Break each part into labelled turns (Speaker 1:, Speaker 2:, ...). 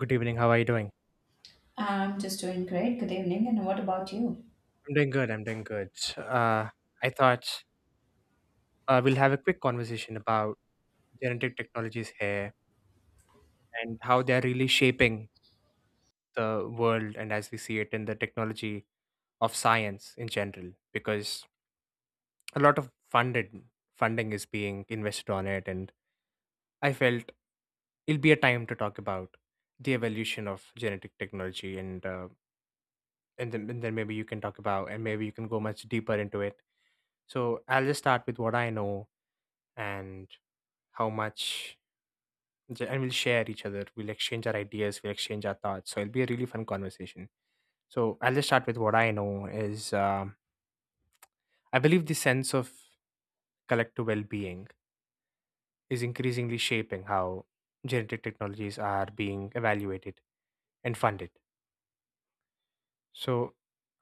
Speaker 1: Good evening. How are you doing?
Speaker 2: I'm just doing great. Good evening. And what about you?
Speaker 1: I'm doing good. I'm doing good. Uh, I thought we'll have a quick conversation about genetic technologies here and how they're really shaping the world and as we see it in the technology of science in general, because a lot of funded funding is being invested on it. And I felt it'll be a time to talk about the evolution of genetic technology and then maybe you can talk about and maybe you can go much deeper into it. So I'll just start with what I know and how much j- and we'll share each other we'll exchange our ideas, we'll exchange our thoughts, so it'll be a really fun conversation. So I'll just start with what I know is I believe the sense of collective well-being is increasingly shaping how genetic technologies are being evaluated and funded. So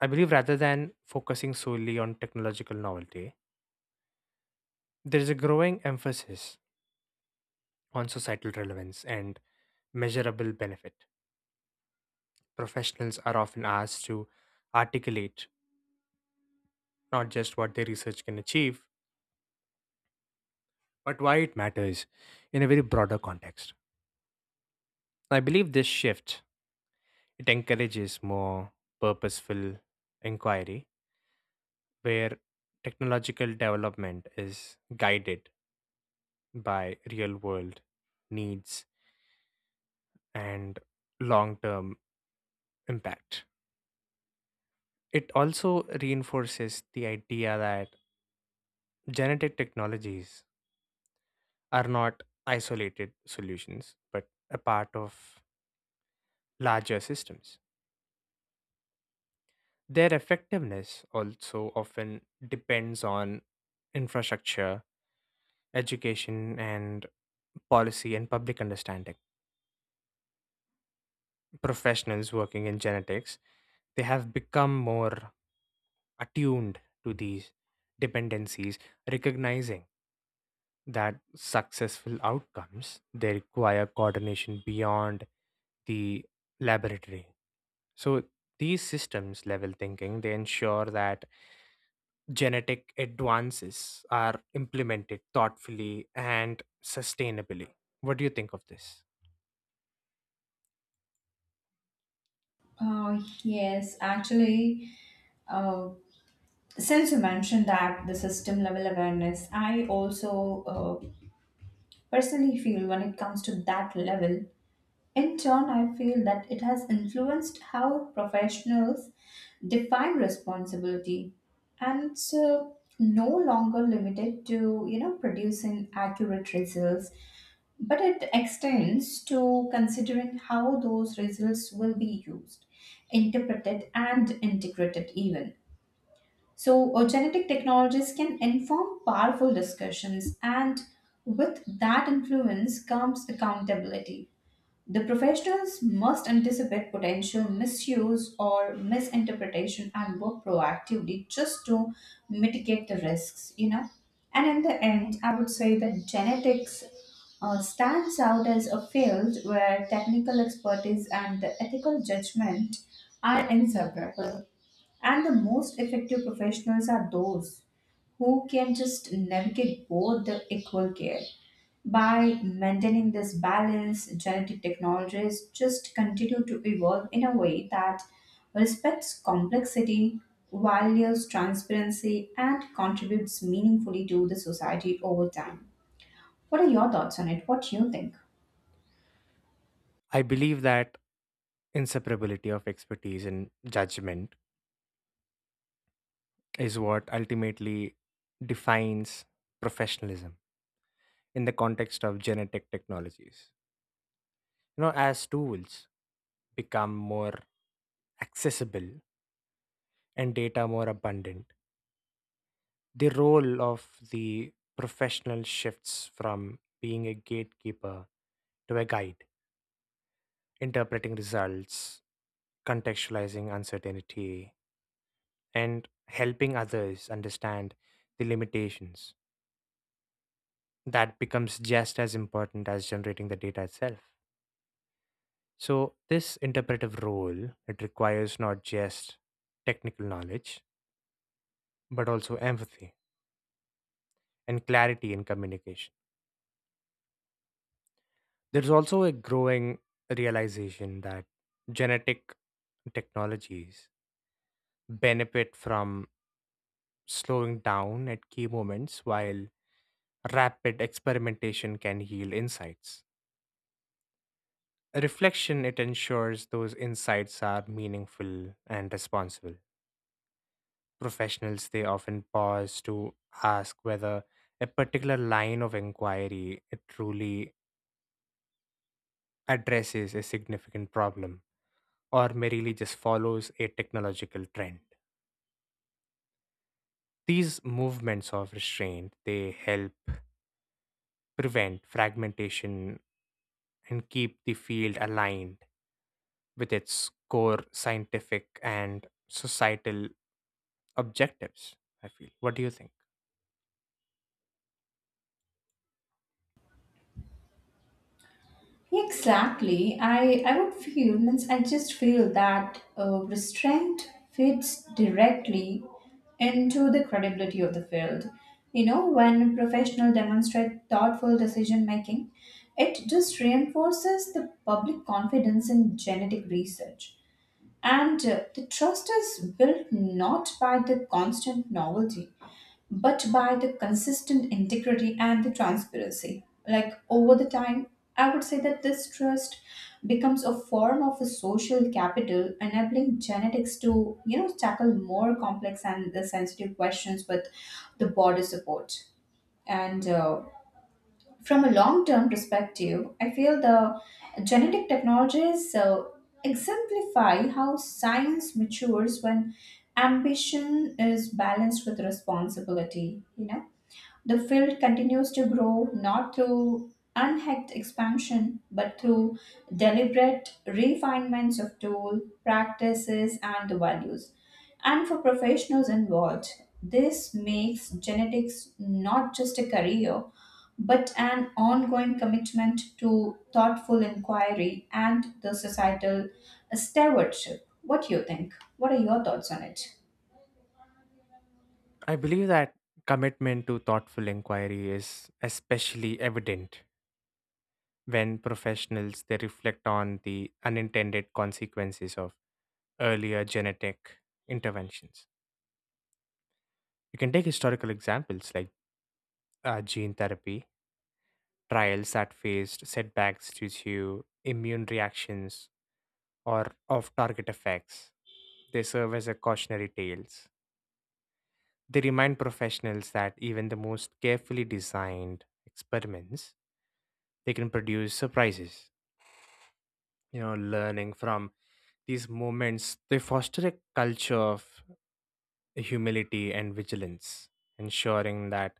Speaker 1: I believe rather than focusing solely on technological novelty, there's a growing emphasis on societal relevance and measurable benefit. Professionals are often asked to articulate not just what their research can achieve, but why it matters in a very broader context. I believe this shift, it encourages more purposeful inquiry where technological development is guided by real world needs and long term impact. It also reinforces the idea that genetic technologies are not isolated solutions but a part of larger systems. Their effectiveness also often depends on infrastructure, education, and policy and public understanding. Professionals working in genetics, they have become more attuned to these dependencies, recognizing that successful outcomes, they require coordination beyond the laboratory. So these systems level thinking, they ensure that genetic advances are implemented thoughtfully and sustainably. What do you think of this?
Speaker 2: Yes, actually, uh, since you mentioned that the system level awareness, I also uh, personally feel when it comes to that level, in turn, I feel that it has influenced how professionals define responsibility and so no longer limited to producing accurate results, but it extends to considering how those results will be used, interpreted, and integrated, even. So, genetic technologies can inform powerful discussions, and with that influence comes accountability. The professionals must anticipate potential misuse or misinterpretation and work proactively just to mitigate the risks. And in the end, I would say that genetics stands out as a field where technical expertise and the ethical judgment are inseparable. And the most effective professionals are those who can just navigate both the equal care. By maintaining this balance, genetic technologies just continue to evolve in a way that respects complexity, values transparency, and contributes meaningfully to the society over time. What are your thoughts on it? What do you think?
Speaker 1: I believe that inseparability of expertise and judgment is what ultimately defines professionalism in the context of genetic technologies. You know, as tools become more accessible and data more abundant, the role of the professional shifts from being a gatekeeper to a guide, interpreting results, contextualizing uncertainty, and helping others understand the limitations. That becomes just as important as generating the data itself. So, this interpretive role, it requires not just technical knowledge, but also empathy and clarity in communication. There's also a growing realization that genetic technologies benefit from slowing down at key moments. While rapid experimentation can yield insights, reflection, it ensures those insights are meaningful and responsible. Professionals, they often pause to ask whether a particular line of inquiry, it truly addresses a significant problem or merely just follows a technological trend. These movements of restraint, they help prevent fragmentation and keep the field aligned with its core scientific and societal objectives, I feel. What do you think?
Speaker 2: Exactly. I would feel, means I just feel that restraint fits directly into the credibility of the field. You know, when professionals demonstrate thoughtful decision making, it just reinforces the public confidence in genetic research. And the trust is built not by the constant novelty but by the consistent integrity and the transparency. Like over the time, I would say that this trust becomes a form of a social capital, enabling genetics to tackle more complex and the sensitive questions with the broader support. And from a long-term perspective, I feel the genetic technologies exemplify how science matures when ambition is balanced with responsibility. You know, the field continues to grow not through unhacked expansion but through deliberate refinements of tool, practices, and the values. And for professionals involved, this makes genetics not just a career but an ongoing commitment to thoughtful inquiry and the societal stewardship. What do you think? What are your thoughts on it?
Speaker 1: I believe that commitment to thoughtful inquiry is especially evident when professionals, they reflect on the unintended consequences of earlier genetic interventions. You can take historical examples like gene therapy, trials that faced setbacks due to immune reactions or off target effects. They serve as a cautionary tales. They remind professionals that even the most carefully designed experiments, they can produce surprises. You know, learning from these moments, they foster a culture of humility and vigilance, ensuring that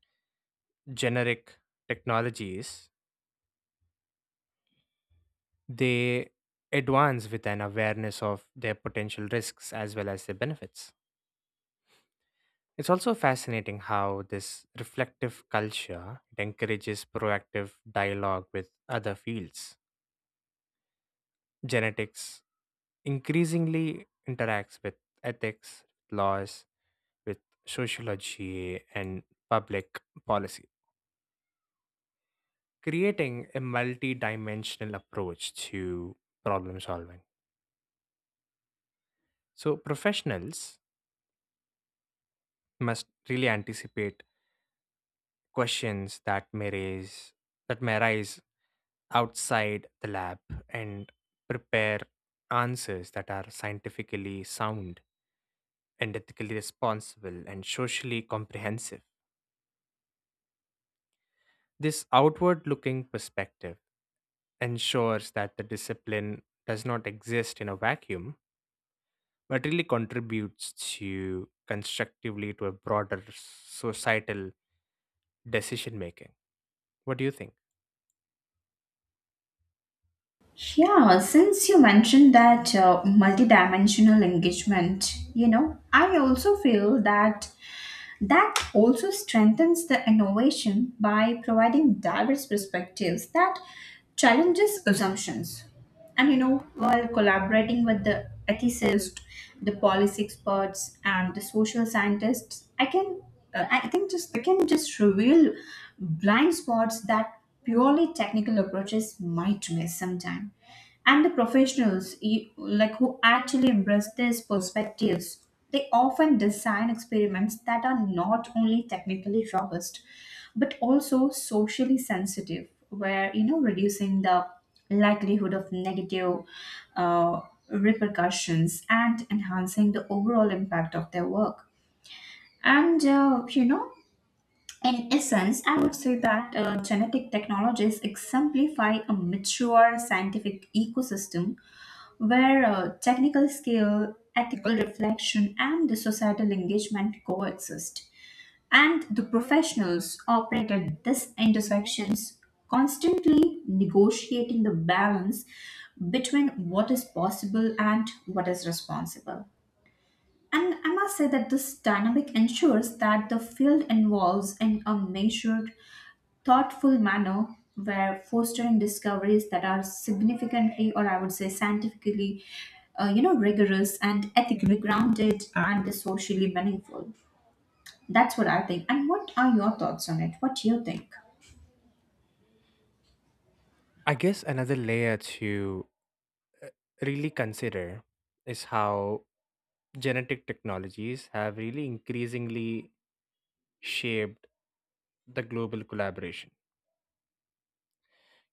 Speaker 1: generic technologies, they advance with an awareness of their potential risks as well as their benefits. It's also fascinating how this reflective culture, it encourages proactive dialogue with other fields. Genetics increasingly interacts with ethics, laws, with sociology, and public policy, creating a multi dimensional approach to problem solving. So, professionals must really anticipate questions that may raise that may arise outside the lab and prepare answers that are scientifically sound and ethically responsible and socially comprehensive. This outward looking perspective ensures that the discipline does not exist in a vacuum, but really contributes to constructively to a broader societal decision making. What do you think?
Speaker 2: Yeah, since you mentioned that multidimensional engagement, you know, I also feel that that also strengthens the innovation by providing diverse perspectives that challenges assumptions. And you know, while collaborating with the ethicists, the policy experts, and the social scientists, I can, I think, just I can just reveal blind spots that purely technical approaches might miss sometime. And the professionals, like who actually embrace these perspectives, they often design experiments that are not only technically robust, but also socially sensitive, where you know reducing the likelihood of negative uh, repercussions and enhancing the overall impact of their work. And you know, in essence, I would say that genetic technologies exemplify a mature scientific ecosystem where technical skill, ethical reflection, and the societal engagement coexist. And the professionals operate at these intersections, constantly negotiating the balance between what is possible and what is responsible. And I must say that this dynamic ensures that the field evolves in a measured, thoughtful manner where fostering discoveries that are significantly, or I would say scientifically, you know, rigorous and ethically grounded and socially meaningful. That's what I think. And what are your thoughts on it? What do you think?
Speaker 1: I guess another layer to uh, really consider is how genetic technologies have really increasingly shaped the global collaboration.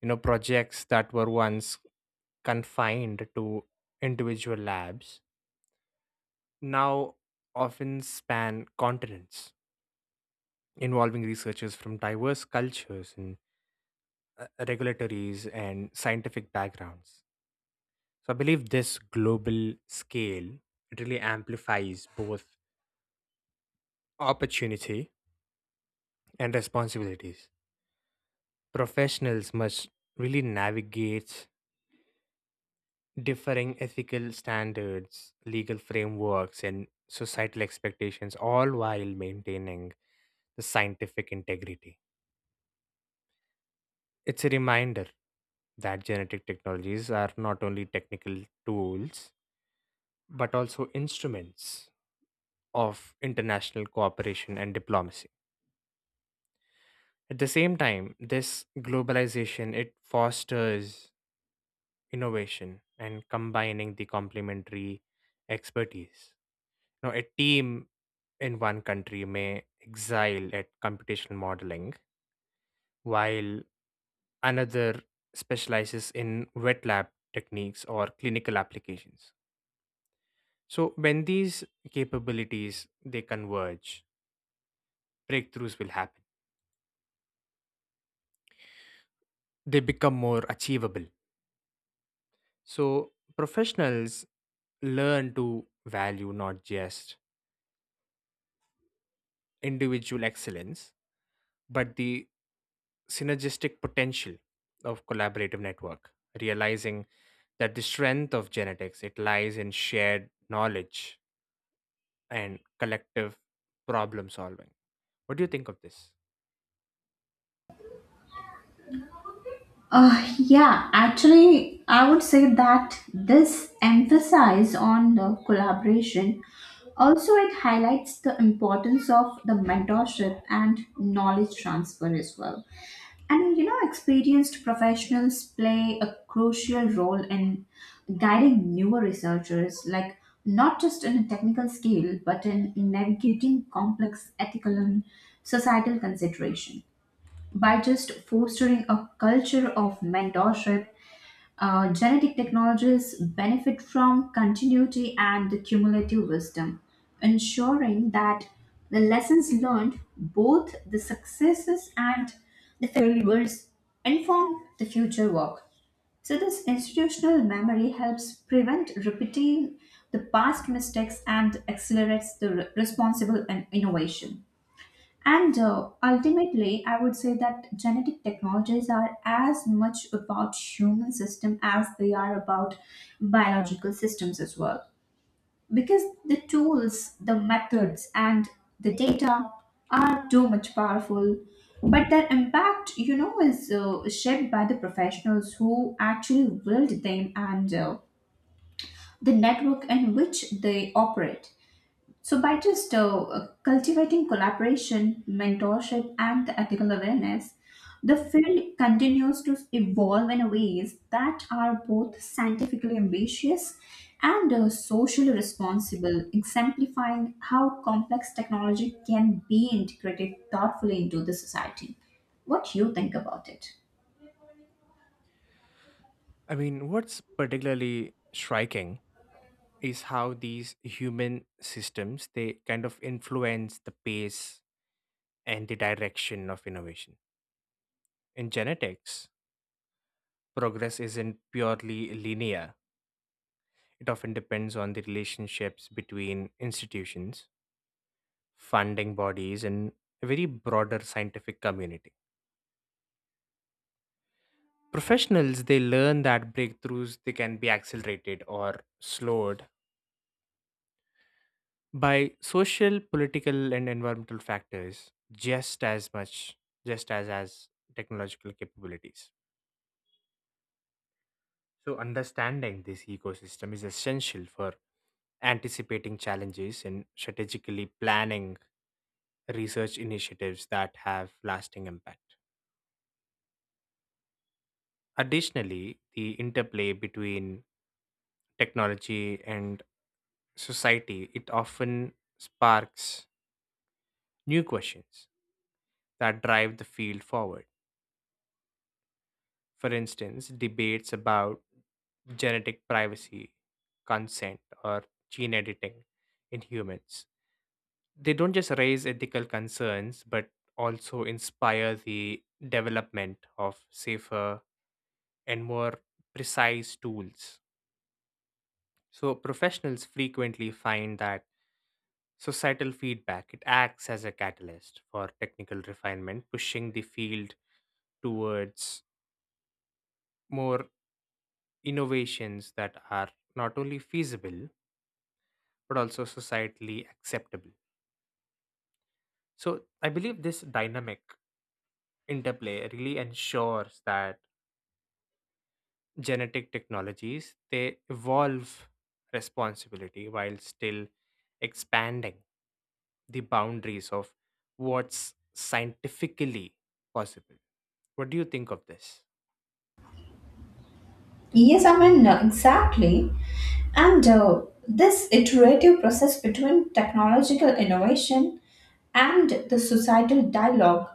Speaker 1: You know, projects that were once confined to individual labs now often span continents, involving researchers from diverse cultures and regulatories and scientific backgrounds. So I believe this global scale, it really amplifies both opportunity and responsibilities. Professionals must really navigate differing ethical standards, legal frameworks, and societal expectations, all while maintaining the scientific integrity. It's a reminder that genetic technologies are not only technical tools, but also instruments of international cooperation and diplomacy. At the same time, this globalization, it fosters innovation and combining the complementary expertise. Now, a team in one country may excel at computational modeling, while another specializes in wet lab techniques or clinical applications. So when these capabilities, they converge, breakthroughs will happen. They become more achievable. So professionals learn to value not just individual excellence, but the synergistic potential of collaborative network, realizing that the strength of genetics, it lies in shared knowledge and collective problem solving. What do you think of this?
Speaker 2: Yeah, actually, I would say that this emphasis on the collaboration also it highlights the importance of the mentorship and knowledge transfer as well. And you know, experienced professionals play a crucial role in guiding newer researchers, like not just in a technical skill, but in navigating complex ethical and societal consideration. By just fostering a culture of mentorship, genetic technologies benefit from continuity and cumulative wisdom, ensuring that the lessons learned, both the successes and the failures, inform the future work. So, this institutional memory helps prevent repeating the past mistakes and accelerates the responsible and innovation. And ultimately, I would say that genetic technologies are as much about human system as they are about biological systems as well. Because the tools, the methods, and the data are too much powerful, but their impact, you know, is shaped by the professionals who actually wield them and the network in which they operate. So, by just cultivating collaboration, mentorship, and the ethical awareness, the field continues to evolve in ways that are both scientifically ambitious and socially responsible, exemplifying how complex technology can be integrated thoughtfully into the society. What you think about it?
Speaker 1: I mean, what's particularly striking is how these human systems, they kind of influence the pace and the direction of innovation in genetics. Progress isn't purely linear. It often depends on the relationships between institutions, funding bodies, and a very broader scientific community. Professionals, they learn that breakthroughs, they can be accelerated or slowed by social, political, and environmental factors just as much, just as technological capabilities. So understanding this ecosystem is essential for anticipating challenges and strategically planning research initiatives that have lasting impact. Additionally, the interplay between technology and society, it often sparks new questions that drive the field forward. For instance, debates about genetic privacy, consent, or gene editing in humans. They don't just raise ethical concerns, but also inspire the development of safer and more precise tools. So, professionals frequently find that societal feedback, it acts as a catalyst for technical refinement, pushing the field towards more innovations that are not only feasible but also societally acceptable. So I believe this dynamic interplay really ensures that genetic technologies, they evolve responsibility while still expanding the boundaries of what's scientifically possible. What do you think of this?
Speaker 2: Yes, I mean, exactly. And this iterative process between technological innovation and the societal dialogue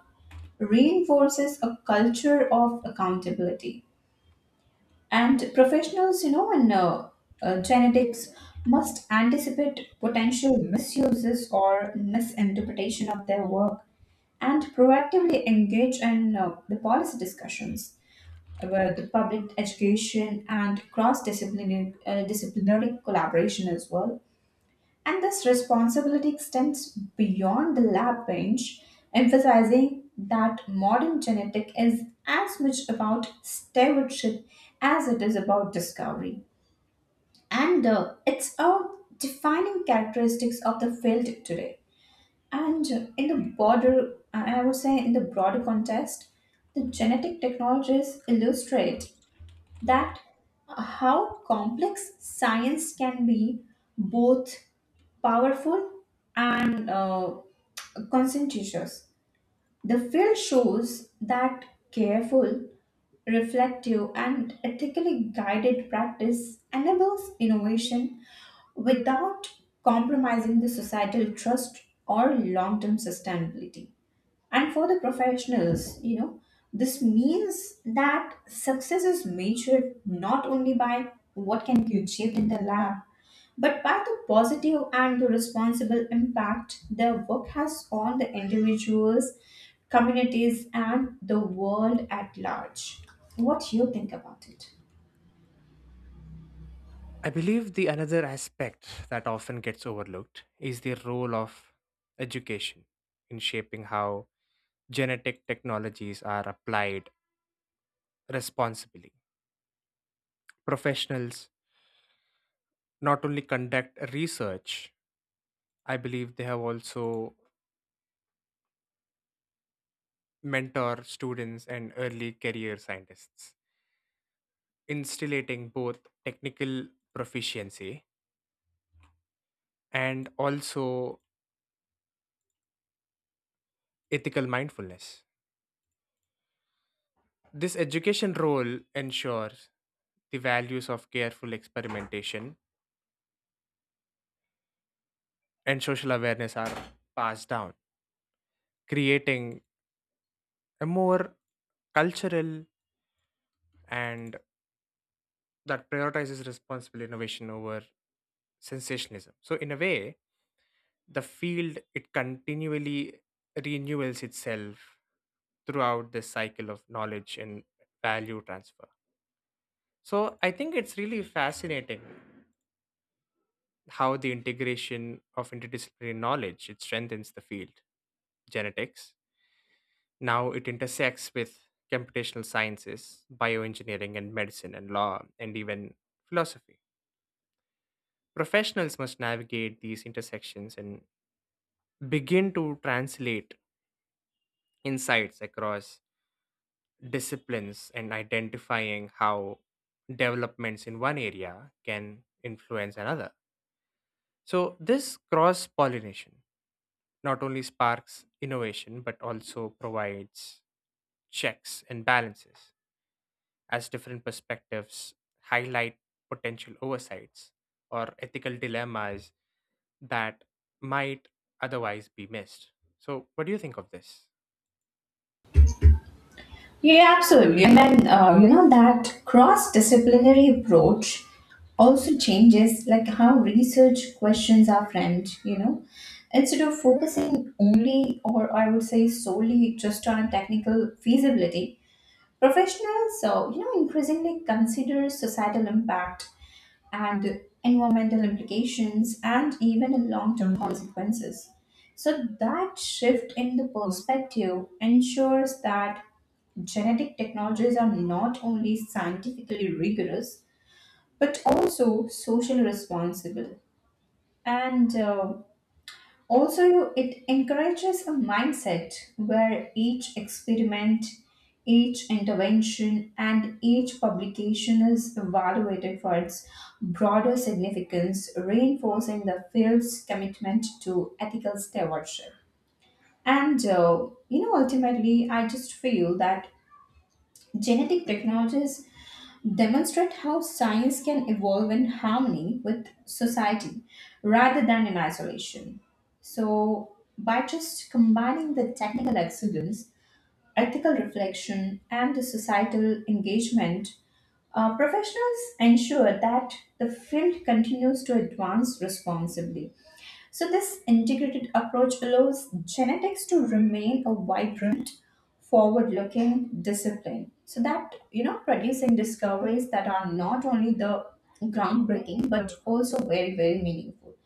Speaker 2: reinforces a culture of accountability. And professionals, you know, in genetics must anticipate potential misuses or misinterpretation of their work and proactively engage in the policy discussions where the public education and cross-disciplinary disciplinary collaboration as well. And this responsibility extends beyond the lab bench, emphasizing that modern genetic is as much about stewardship as it is about discovery. And it's a defining characteristics of the field today. And in the broader, I would say in the broader context, the genetic technologies illustrate that how complex science can be both powerful and conscientious. The field shows that careful, reflective, and ethically guided practice enables innovation without compromising the societal trust or long term sustainability. And for the professionals, you know, this means that success is measured not only by what can be achieved in the lab, but by the positive and the responsible impact their work has on the individuals, communities, and the world at large. What you think about it?
Speaker 1: I believe the another aspect that often gets overlooked is the role of education in shaping how genetic technologies are applied responsibly. Professionals not only conduct research, I believe they have also mentor students and early career scientists, instilling both technical proficiency and also ethical mindfulness. This education role ensures the values of careful experimentation and social awareness are passed down, creating a more cultural and that prioritizes responsible innovation over sensationalism. So in a way, the field it continually renewals itself throughout this cycle of knowledge and value transfer. So I think it's really fascinating how the integration of interdisciplinary knowledge it strengthens the field genetics. Now it intersects with computational sciences, bioengineering, and medicine and law, and even philosophy. Professionals must navigate these intersections and begin to translate insights across disciplines and identifying how developments in one area can influence another. So, this cross pollination not only sparks innovation but also provides checks and balances as different perspectives highlight potential oversights or ethical dilemmas that might otherwise be missed. So, what do you think of this?
Speaker 2: Yeah, absolutely. And then, you know, that cross disciplinary approach also changes like how research questions are framed, you know. Instead of focusing only, or I would say solely, just on technical feasibility, professionals, so, you know, increasingly consider societal impact and environmental implications and even the long-term consequences. So that shift in the perspective ensures that genetic technologies are not only scientifically rigorous but also socially responsible and also it encourages a mindset where each experiment, each intervention, and each publication is evaluated for its broader significance, reinforcing the field's commitment to ethical stewardship, and you know, ultimately I just feel that genetic technologies demonstrate how science can evolve in harmony with society rather than in isolation. So, by just combining the technical excellence, ethical reflection, and the societal engagement, professionals ensure that the field continues to advance responsibly. So, this integrated approach allows genetics to remain a vibrant, forward looking discipline. So, that, you know, producing discoveries that are not only the groundbreaking but also very, very meaningful,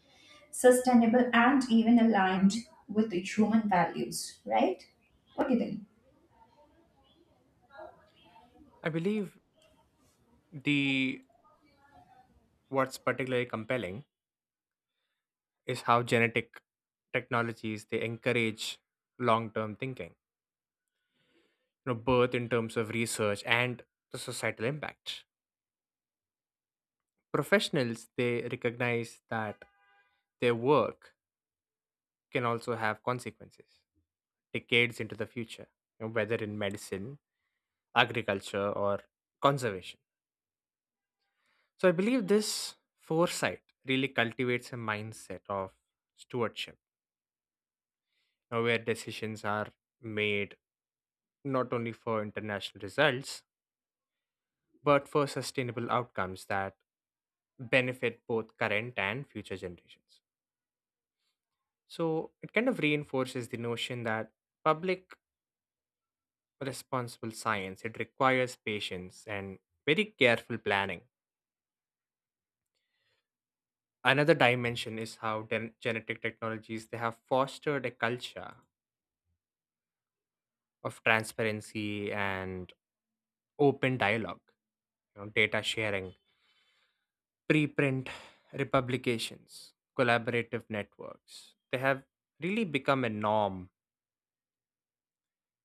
Speaker 2: sustainable, and even aligned with the human values, right? What do you think?
Speaker 1: I believe the what's particularly compelling is how genetic technologies, they encourage long-term thinking, you know, both in terms of research and the societal impact. Professionals, they recognize that their work can also have consequences decades into the future, you know, whether in medicine, agriculture, or conservation. So I believe this foresight really cultivates a mindset of stewardship, where decisions are made not only for international results, but for sustainable outcomes that benefit both current and future generations. So it kind of reinforces the notion that public responsible science, it requires patience and very careful planning. Another dimension is how genetic technologies, they have fostered a culture of transparency and open dialogue, you know, data sharing, preprint republications, collaborative networks. They have really become a norm,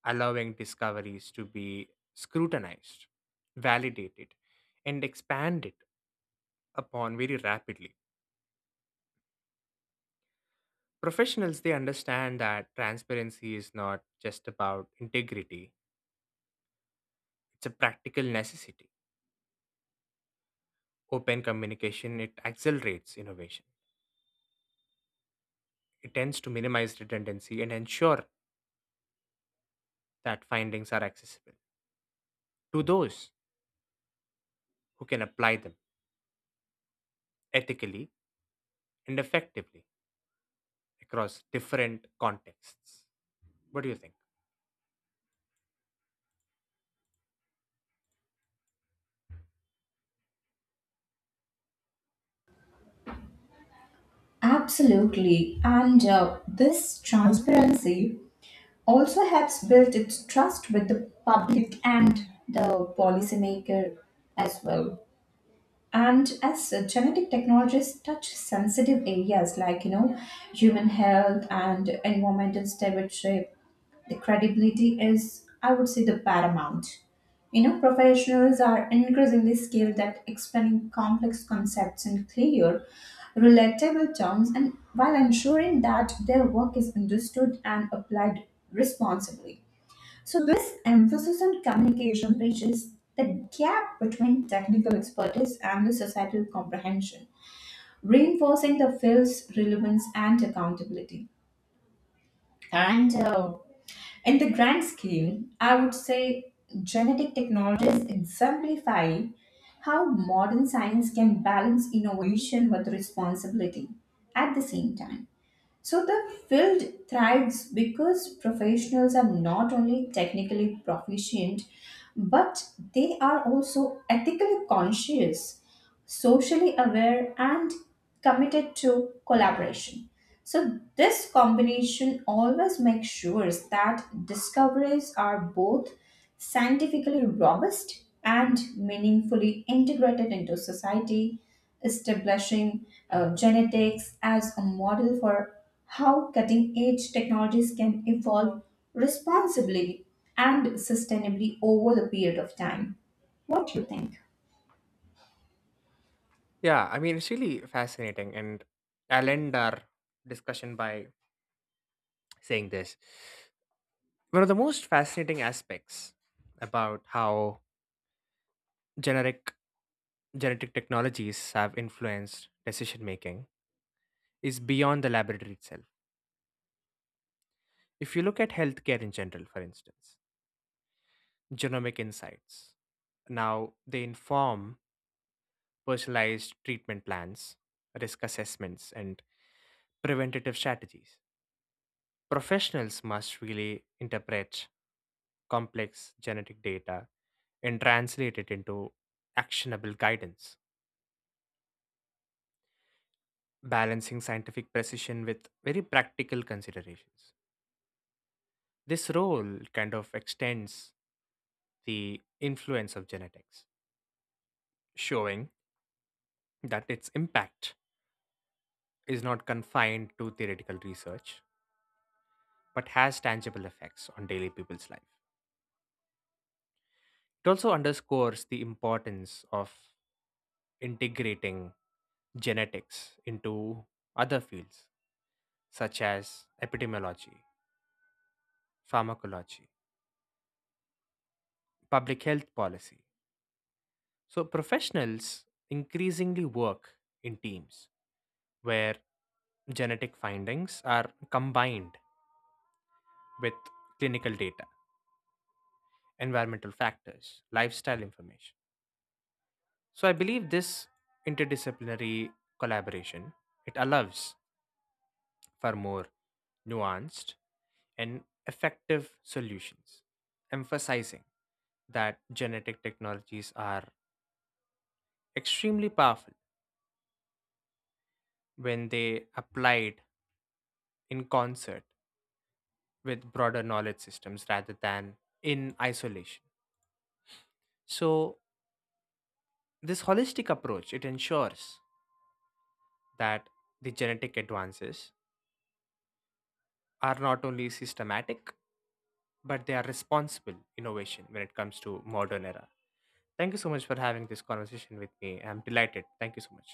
Speaker 1: allowing discoveries to be scrutinized, validated, and expanded upon very rapidly. Professionals, they understand that transparency is not just about integrity, it's a practical necessity. Open communication, it accelerates innovation. It tends to minimize redundancy and ensure that findings are accessible to those who can apply them ethically and effectively across different contexts. What do you think?
Speaker 2: Absolutely. And this transparency also helps build its trust with the public and the policymaker as well. And as genetic technologies touch sensitive areas like you know human health and environmental stewardship, the credibility is I would say the paramount. You know, professionals are increasingly skilled at explaining complex concepts in clear relatable terms and while ensuring that their work is understood and applied responsibly. So, this emphasis on communication bridges the gap between technical expertise and the societal comprehension, reinforcing the field's relevance and accountability. And in the grand scheme, I would say genetic technologies exemplify how modern science can balance innovation with responsibility at the same time. So the field thrives because professionals are not only technically proficient, but they are also ethically conscious, socially aware, and committed to collaboration. So, this combination always makes sure that discoveries are both scientifically robust and meaningfully integrated into society, establishing genetics as a model for how cutting edge technologies can evolve responsibly and sustainably over the period of time. What do you think?
Speaker 1: Yeah, I mean, it's really fascinating. And I'll end our discussion by saying this. One of the most fascinating aspects about how generic genetic technologies have influenced decision making is beyond the laboratory itself. If you look at healthcare in general, for instance, genomic insights, now they inform personalized treatment plans, risk assessments, and preventative strategies. Professionals must really interpret complex genetic data and translate it into actionable guidance, balancing scientific precision with very practical considerations. This role kind of extends the influence of genetics, showing that its impact is not confined to theoretical research but has tangible effects on daily people's life. It also underscores the importance of integrating genetics into other fields such as epidemiology, pharmacology, public health policy. So, professionals increasingly work in teams where genetic findings are combined with clinical data, environmental factors, lifestyle information. So, I believe this interdisciplinary collaboration, it allows for more nuanced and effective solutions, emphasizing that genetic technologies are extremely powerful when they applied in concert with broader knowledge systems rather than in isolation. So this holistic approach, it ensures that the genetic advances are not only systematic but they are responsible innovation when it comes to modern era. Thank you so much for having this conversation with me. I'm delighted. Thank you so much.